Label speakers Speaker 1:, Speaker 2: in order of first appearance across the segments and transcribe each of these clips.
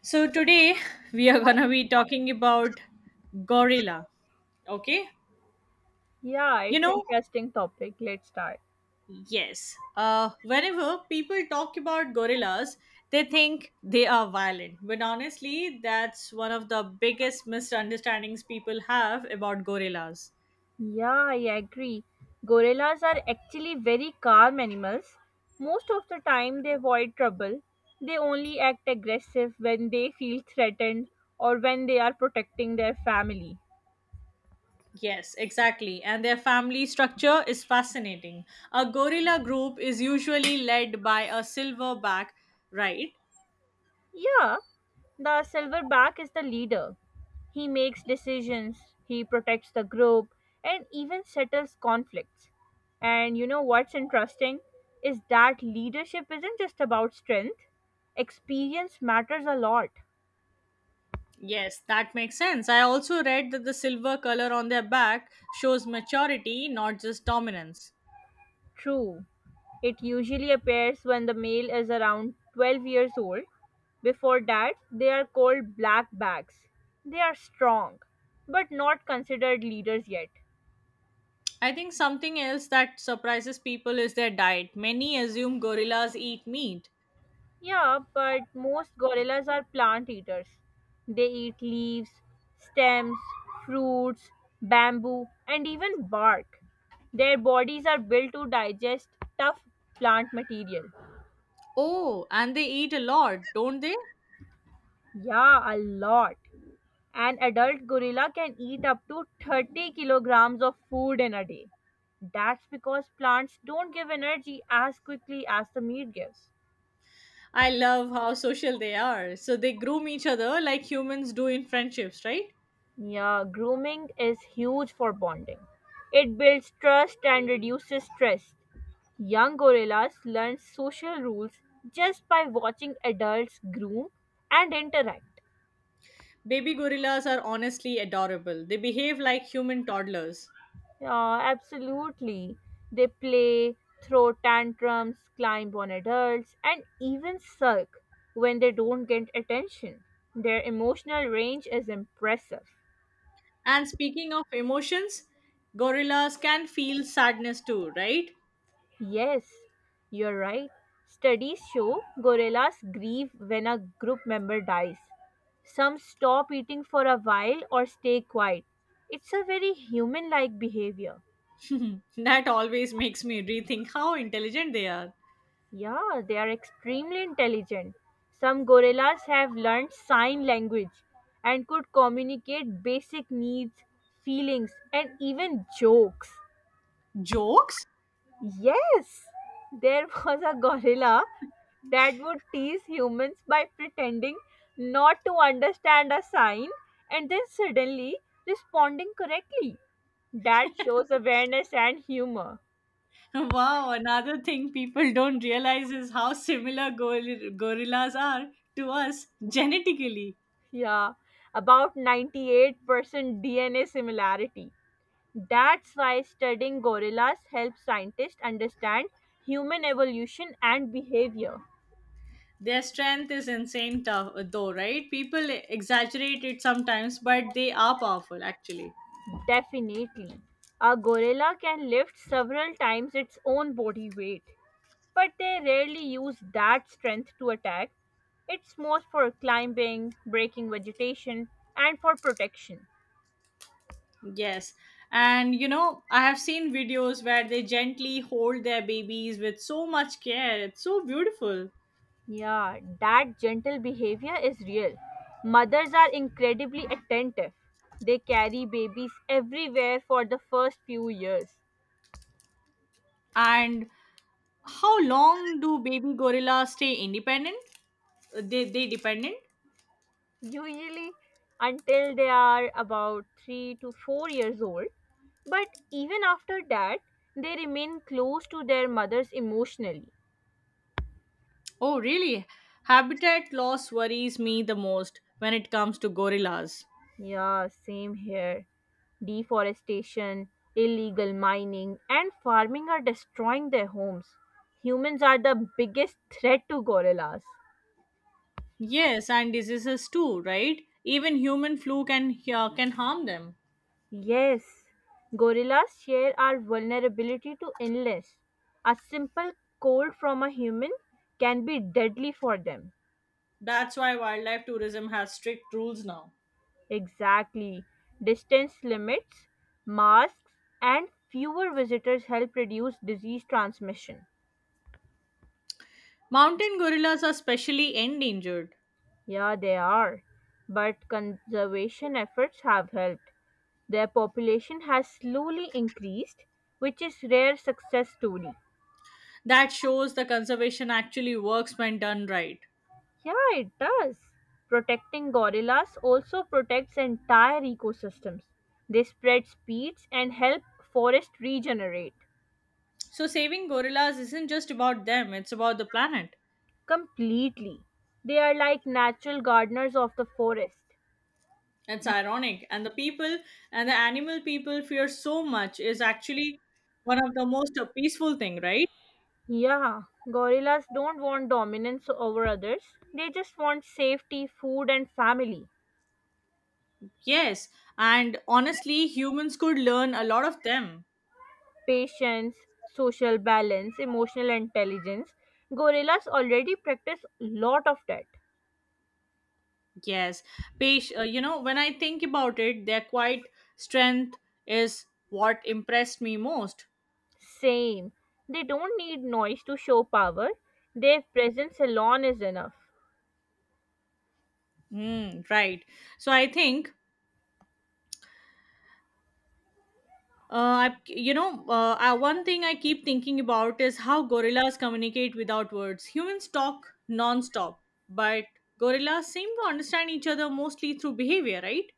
Speaker 1: So today we are gonna be talking about gorilla. Okay,
Speaker 2: Yeah,
Speaker 1: you
Speaker 2: it's
Speaker 1: know,
Speaker 2: interesting topic. Let's start.
Speaker 1: yes. Whenever people talk about gorillas, they think they are violent, but honestly, that's one of the biggest misunderstandings people have about gorillas.
Speaker 2: Yeah, I agree. Gorillas are actually very calm animals. Most of the time they avoid trouble. They only act aggressive when they feel threatened or when they are protecting their family.
Speaker 1: Yes, exactly. And their family structure is fascinating. A gorilla group is usually led by a silverback, right?
Speaker 2: Yeah, the silverback is the leader. He makes decisions, he protects the group, and even settles conflicts. And you know what's interesting is that leadership isn't just about strength, experience matters a lot.
Speaker 1: Yes, that makes sense. I also read that the silver color on their back shows maturity, not just dominance.
Speaker 2: True. It usually appears when the male is around 12 years old. Before that, they are called black bags. They are strong, but not considered leaders yet.
Speaker 1: I think something else that surprises people is their diet. Many assume gorillas eat meat.
Speaker 2: Yeah, but most gorillas are plant eaters. They eat leaves, stems, fruits, bamboo, and even bark. Their bodies are built to digest tough plant material.
Speaker 1: Oh, and they eat a lot, don't they?
Speaker 2: Yeah, a lot. An adult gorilla can eat up to 30 kilograms of food in a day. That's because plants don't give energy as quickly as the meat gives.
Speaker 1: I love how social they are. So they groom each other like humans do in friendships, right?
Speaker 2: Yeah, grooming is huge for bonding. It builds trust and reduces stress. Young gorillas learn social rules just by watching adults groom and interact.
Speaker 1: Baby gorillas are honestly adorable. They behave like human toddlers.
Speaker 2: Yeah, absolutely. They play, throw tantrums, climb on adults, and even sulk when they don't get attention. Their emotional range is impressive.
Speaker 1: And speaking of emotions, gorillas can feel sadness too, right?
Speaker 2: Yes, you're right. Studies show gorillas grieve when a group member dies. Some stop eating for a while or stay quiet. It's a very human like behavior.
Speaker 1: That always makes me rethink how intelligent they are.
Speaker 2: Yeah, they are extremely intelligent. Some gorillas have learned sign language and could communicate basic needs, feelings, and even jokes.
Speaker 1: Jokes?
Speaker 2: Yes, there was a gorilla that would tease humans by pretending not to understand a sign and then suddenly responding correctly. That shows awareness and humor.
Speaker 1: Wow, another thing people don't realize is how similar gorillas are to us genetically.
Speaker 2: Yeah, about 98% DNA similarity. That's why studying gorillas helps scientists understand human evolution and behavior.
Speaker 1: Their strength is insane, tough, though, right? People exaggerate it sometimes, but they are powerful actually.
Speaker 2: Definitely. A gorilla can lift several times its own body weight, but they rarely use that strength to attack. It's more for climbing, breaking vegetation, and for protection.
Speaker 1: Yes. And you know, I have seen videos where they gently hold their babies with so much care. It's so beautiful.
Speaker 2: Yeah, that gentle behavior is real. Mothers are incredibly attentive. They carry babies everywhere for the first few years.
Speaker 1: And how long do baby gorillas stay independent? They dependent?
Speaker 2: Usually until they are about 3 to 4 years old. But even after that, they remain close to their mothers emotionally.
Speaker 1: Oh, really? Habitat loss worries me the most when it comes to gorillas.
Speaker 2: Yeah, same here. Deforestation, illegal mining, and farming are destroying their homes. Humans are the biggest threat to gorillas.
Speaker 1: Yes, and diseases too, right? Even human flu can harm them.
Speaker 2: Yes, gorillas share our vulnerability to illness. A simple cold from a human can be deadly for them.
Speaker 1: That's why wildlife tourism has strict rules now.
Speaker 2: Exactly. Distance limits, masks, and fewer visitors help reduce disease transmission.
Speaker 1: Mountain gorillas are specially endangered.
Speaker 2: Yeah, they are. But conservation efforts have helped. Their population has slowly increased, which is rare success story.
Speaker 1: That shows the conservation actually works when done right.
Speaker 2: Yeah, it does. Protecting gorillas also protects entire ecosystems. They spread seeds and help forest regenerate.
Speaker 1: So saving gorillas isn't just about them, it's about the planet.
Speaker 2: Completely. They are like natural gardeners of the forest.
Speaker 1: It's ironic. And the people and the animal people fear so much is actually one of the most peaceful thing, right?
Speaker 2: Yeah, gorillas don't want dominance over others. They just want safety, food, and family.
Speaker 1: Yes. And honestly, humans could learn a lot of them.
Speaker 2: Patience, social balance, emotional intelligence. Gorillas already practice lot of that.
Speaker 1: Yes. Page, you know, when I think about it, their quiet strength is what impressed me most.
Speaker 2: Same. They don't need noise to show power. Their presence alone is enough.
Speaker 1: Mm, right. So I think I, you know, I, one thing I keep thinking about is how gorillas communicate without words. Humans talk non-stop, but gorillas seem to understand each other mostly through behavior, right?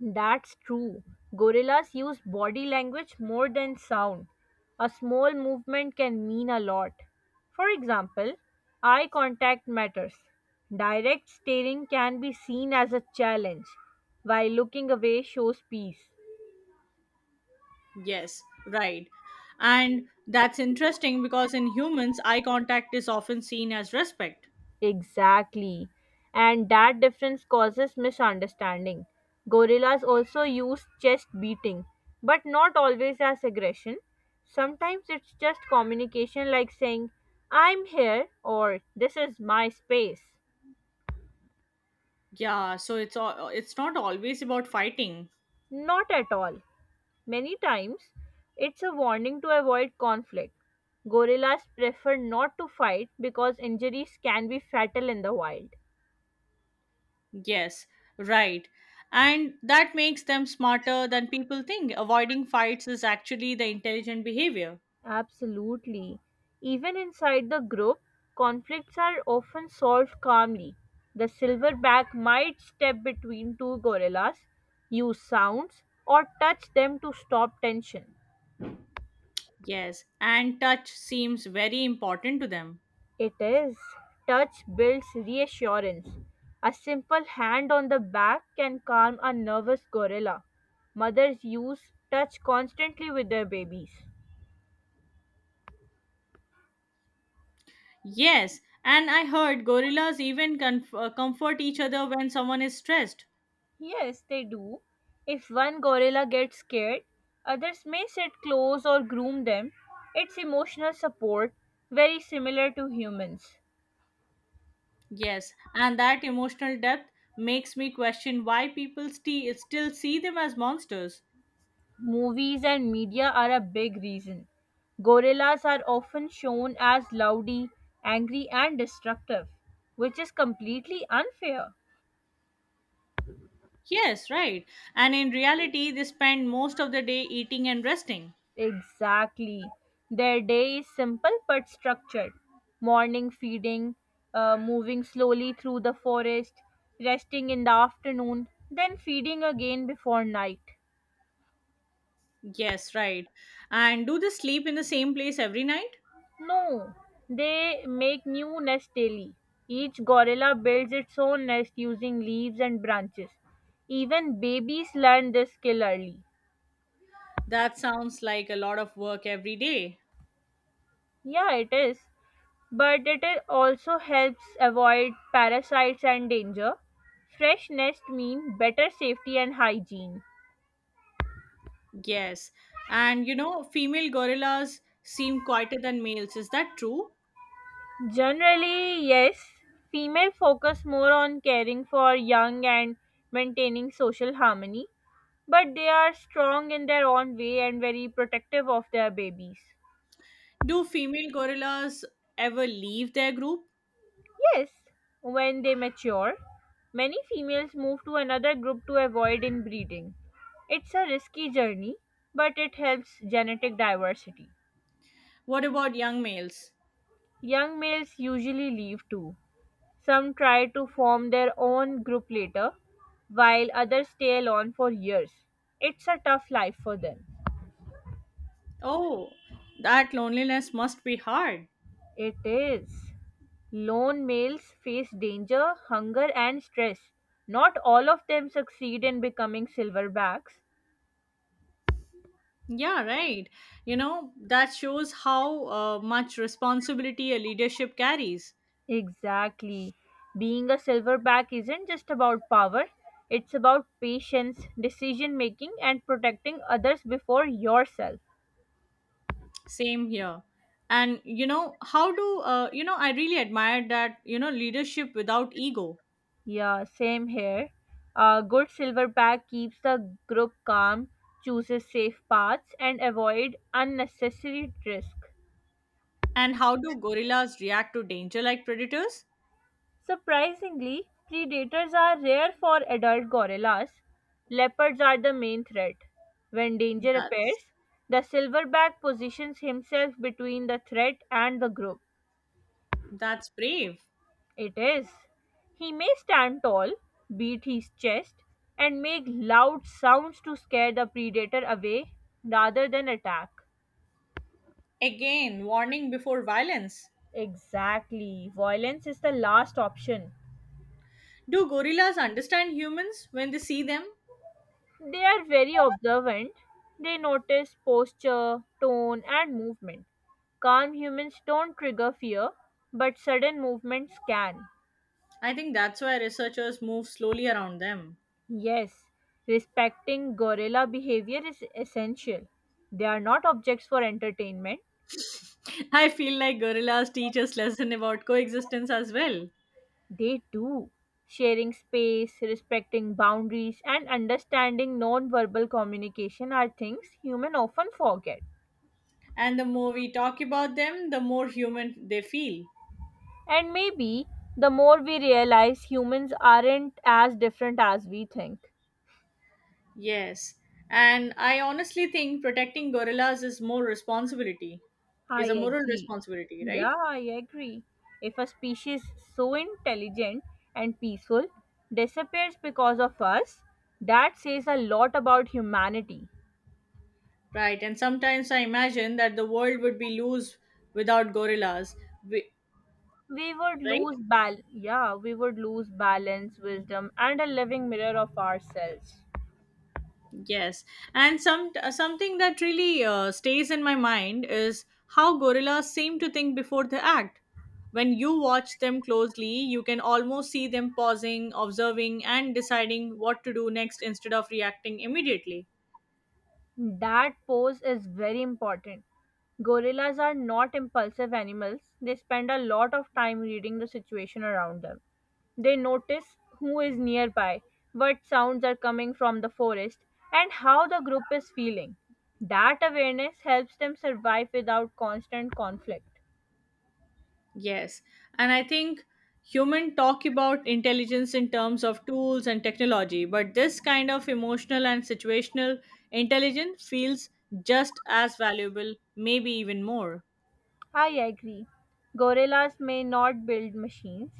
Speaker 2: That's true. Gorillas use body language more than sound. A small movement can mean a lot. For example, eye contact matters. Direct staring can be seen as a challenge, while looking away shows peace.
Speaker 1: Yes, right. And that's interesting because in humans, eye contact is often seen as respect.
Speaker 2: Exactly. And that difference causes misunderstanding. Gorillas also use chest beating, but not always as aggression. Sometimes it's just communication like saying, I'm here or this is my space.
Speaker 1: Yeah, so it's not always about fighting.
Speaker 2: Not at all. Many times, it's a warning to avoid conflict. Gorillas prefer not to fight because injuries can be fatal in the wild.
Speaker 1: Yes, right. And that makes them smarter than people think. Avoiding fights is actually the intelligent behavior.
Speaker 2: Absolutely. Even inside the group, conflicts are often solved calmly. The silverback might step between two gorillas, use sounds, or touch them to stop tension.
Speaker 1: Yes, and touch seems very important to them.
Speaker 2: It is. Touch builds reassurance. A simple hand on the back can calm a nervous gorilla. Mothers use touch constantly with their babies.
Speaker 1: Yes, and I heard gorillas even comfort each other when someone is stressed.
Speaker 2: Yes, they do. If one gorilla gets scared, others may sit close or groom them. It's emotional support, very similar to humans.
Speaker 1: Yes, and that emotional depth makes me question why people still see them as monsters.
Speaker 2: Movies and media are a big reason. Gorillas are often shown as loudy, angry, and destructive, which is completely unfair.
Speaker 1: Yes, right. And in reality, they spend most of the day eating and resting.
Speaker 2: Exactly. Their day is simple but structured. Morning feeding, moving slowly through the forest, resting in the afternoon, then feeding again before night.
Speaker 1: Yes, right. And do they sleep in the same place every night?
Speaker 2: No, they make new nests daily. Each gorilla builds its own nest using leaves and branches. Even babies learn this skill early.
Speaker 1: That sounds like a lot of work every day.
Speaker 2: Yeah, it is. But it is also helps avoid parasites and danger. Fresh nest mean better safety and hygiene.
Speaker 1: Yes. And you know, female gorillas seem quieter than males. Is that true?
Speaker 2: Generally, yes, female focus more on caring for young and maintaining social harmony, but they are strong in their own way and very protective of their babies.
Speaker 1: Do female gorillas ever leave their group?
Speaker 2: Yes, when they mature, many females move to another group to avoid inbreeding. It's a risky journey, but it helps genetic diversity.
Speaker 1: What about young males?
Speaker 2: Young males usually leave too. Some try to form their own group later, while others stay alone for years. It's a tough life for them.
Speaker 1: Oh, that loneliness must be hard.
Speaker 2: It is. Lone males face danger, hunger, and stress. Not all of them succeed in becoming silverbacks.
Speaker 1: Yeah, right. You know, that shows how much responsibility a leadership carries.
Speaker 2: Exactly. Being a silverback isn't just about power, it's about patience, decision making, and protecting others before yourself.
Speaker 1: Same here. And you know, how do I really admire that, you know, leadership without ego.
Speaker 2: Yeah, same here. A good silverback keeps the group calm, chooses safe paths, and avoid unnecessary risk.
Speaker 1: And how do gorillas react to danger like predators?
Speaker 2: Surprisingly, predators are rare for adult gorillas. Leopards are the main threat. When danger
Speaker 1: That's
Speaker 2: appears, the silverback positions himself between the threat and the group.
Speaker 1: that's brave.
Speaker 2: It is. He may stand tall, beat his chest, and make loud sounds to scare the predator away rather than attack.
Speaker 1: Again, warning before violence.
Speaker 2: Exactly. Violence is the last option.
Speaker 1: Do gorillas understand humans when they see them?
Speaker 2: They are very observant. They notice posture, tone, and movement. Calm humans don't trigger fear, but sudden movements can.
Speaker 1: I think that's why researchers move slowly around them.
Speaker 2: Yes, respecting gorilla behavior is essential. They are not objects for entertainment,
Speaker 1: I feel like gorillas teach us lesson about coexistence as well.
Speaker 2: they do. Sharing space, respecting boundaries, and understanding non verbal communication are things humans often forget.
Speaker 1: And the more we talk about them, the more human they feel.
Speaker 2: And maybe the more we realize humans aren't as different as we think.
Speaker 1: Yes. And I honestly think protecting gorillas is more responsibility.
Speaker 2: I
Speaker 1: Is a moral
Speaker 2: agree.
Speaker 1: responsibility,
Speaker 2: Yeah,
Speaker 1: right?
Speaker 2: I agree. If a species so intelligent and peaceful disappears because of us, that says a lot about humanity.
Speaker 1: Right, and sometimes I imagine that the world would be loose without gorillas. We,
Speaker 2: We would
Speaker 1: right?
Speaker 2: lose bal Yeah, we would lose balance, wisdom and a living mirror of ourselves.
Speaker 1: Yes. And some something that really stays in my mind is how gorillas seem to think before they act. When you watch them closely, you can almost see them pausing, observing, and deciding what to do next instead of reacting immediately.
Speaker 2: That pose is very important. Gorillas are not impulsive animals. They spend a lot of time reading the situation around them. They notice who is nearby, what sounds are coming from the forest, and how the group is feeling. That awareness helps them survive without constant conflict.
Speaker 1: Yes. And I think human talk about intelligence in terms of tools and technology, but this kind of emotional and situational intelligence feels just as valuable, maybe even more.
Speaker 2: I agree. Gorillas may not build machines,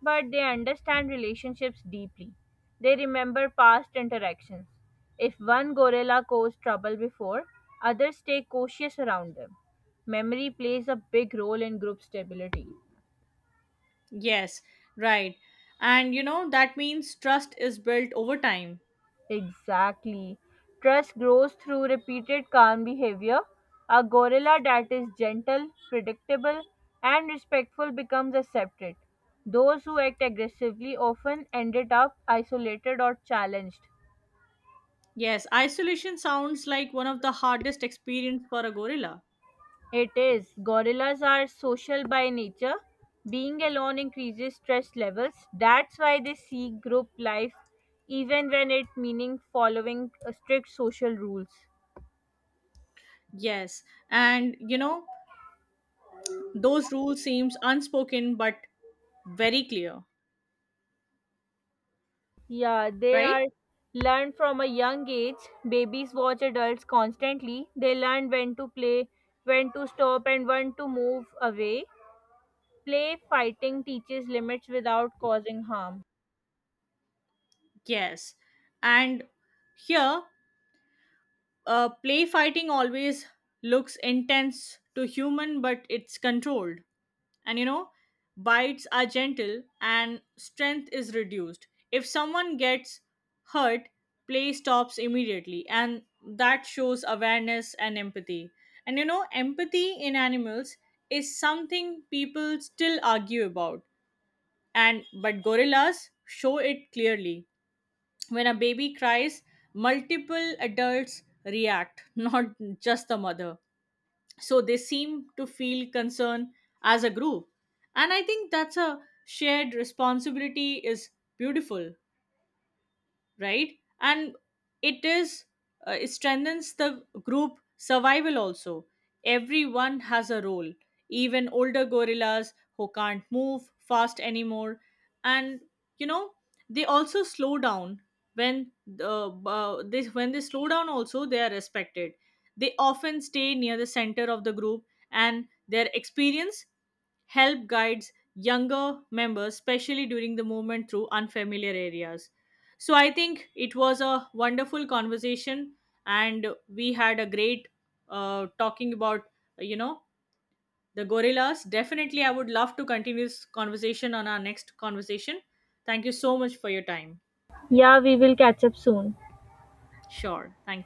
Speaker 2: but they understand relationships deeply. They remember past interactions. If one gorilla caused trouble before, others stay cautious around them. Memory plays a big role in group stability.
Speaker 1: Yes, right. And you know, that means trust is built over time.
Speaker 2: Exactly. Trust grows through repeated calm behavior. A gorilla that is gentle, predictable, and respectful becomes accepted. Those who act aggressively often ended up isolated or challenged.
Speaker 1: Yes, isolation sounds like one of the hardest experience for a gorilla.
Speaker 2: It is. Gorillas are social by nature. Being alone increases stress levels. That's why they seek group life even when it meaning following strict social rules.
Speaker 1: Yes, and you know, those rules seems unspoken but very clear,
Speaker 2: Yeah, they
Speaker 1: right?
Speaker 2: are learned from a young age. Babies watch adults constantly. They learn when to play, when to stop, and when to move away. Play fighting teaches limits without causing harm.
Speaker 1: Yes. And here, play fighting always looks intense to human, but it's controlled. And you know, bites are gentle and strength is reduced. If someone gets hurt, play stops immediately, and that shows awareness and empathy. And you know, empathy in animals is something people still argue about, and but gorillas show it clearly when a baby cries multiple adults react not just the mother so they seem to feel concern as a group, and I think that's a shared responsibility is beautiful, right? And it is. It strengthens the group survival also. Everyone has a role, even older gorillas who can't move fast anymore. And you know, they also slow down when they slow down also they are respected. They often stay near the center of the group, and their experience help guides younger members, especially during the movement through unfamiliar areas. So I think it was a wonderful conversation, and we had a great talking about you know the gorillas. Definitely, I would love to continue this conversation on our next conversation. Thank you so much for your time.
Speaker 2: Yeah, we will catch up soon.
Speaker 1: Sure, thank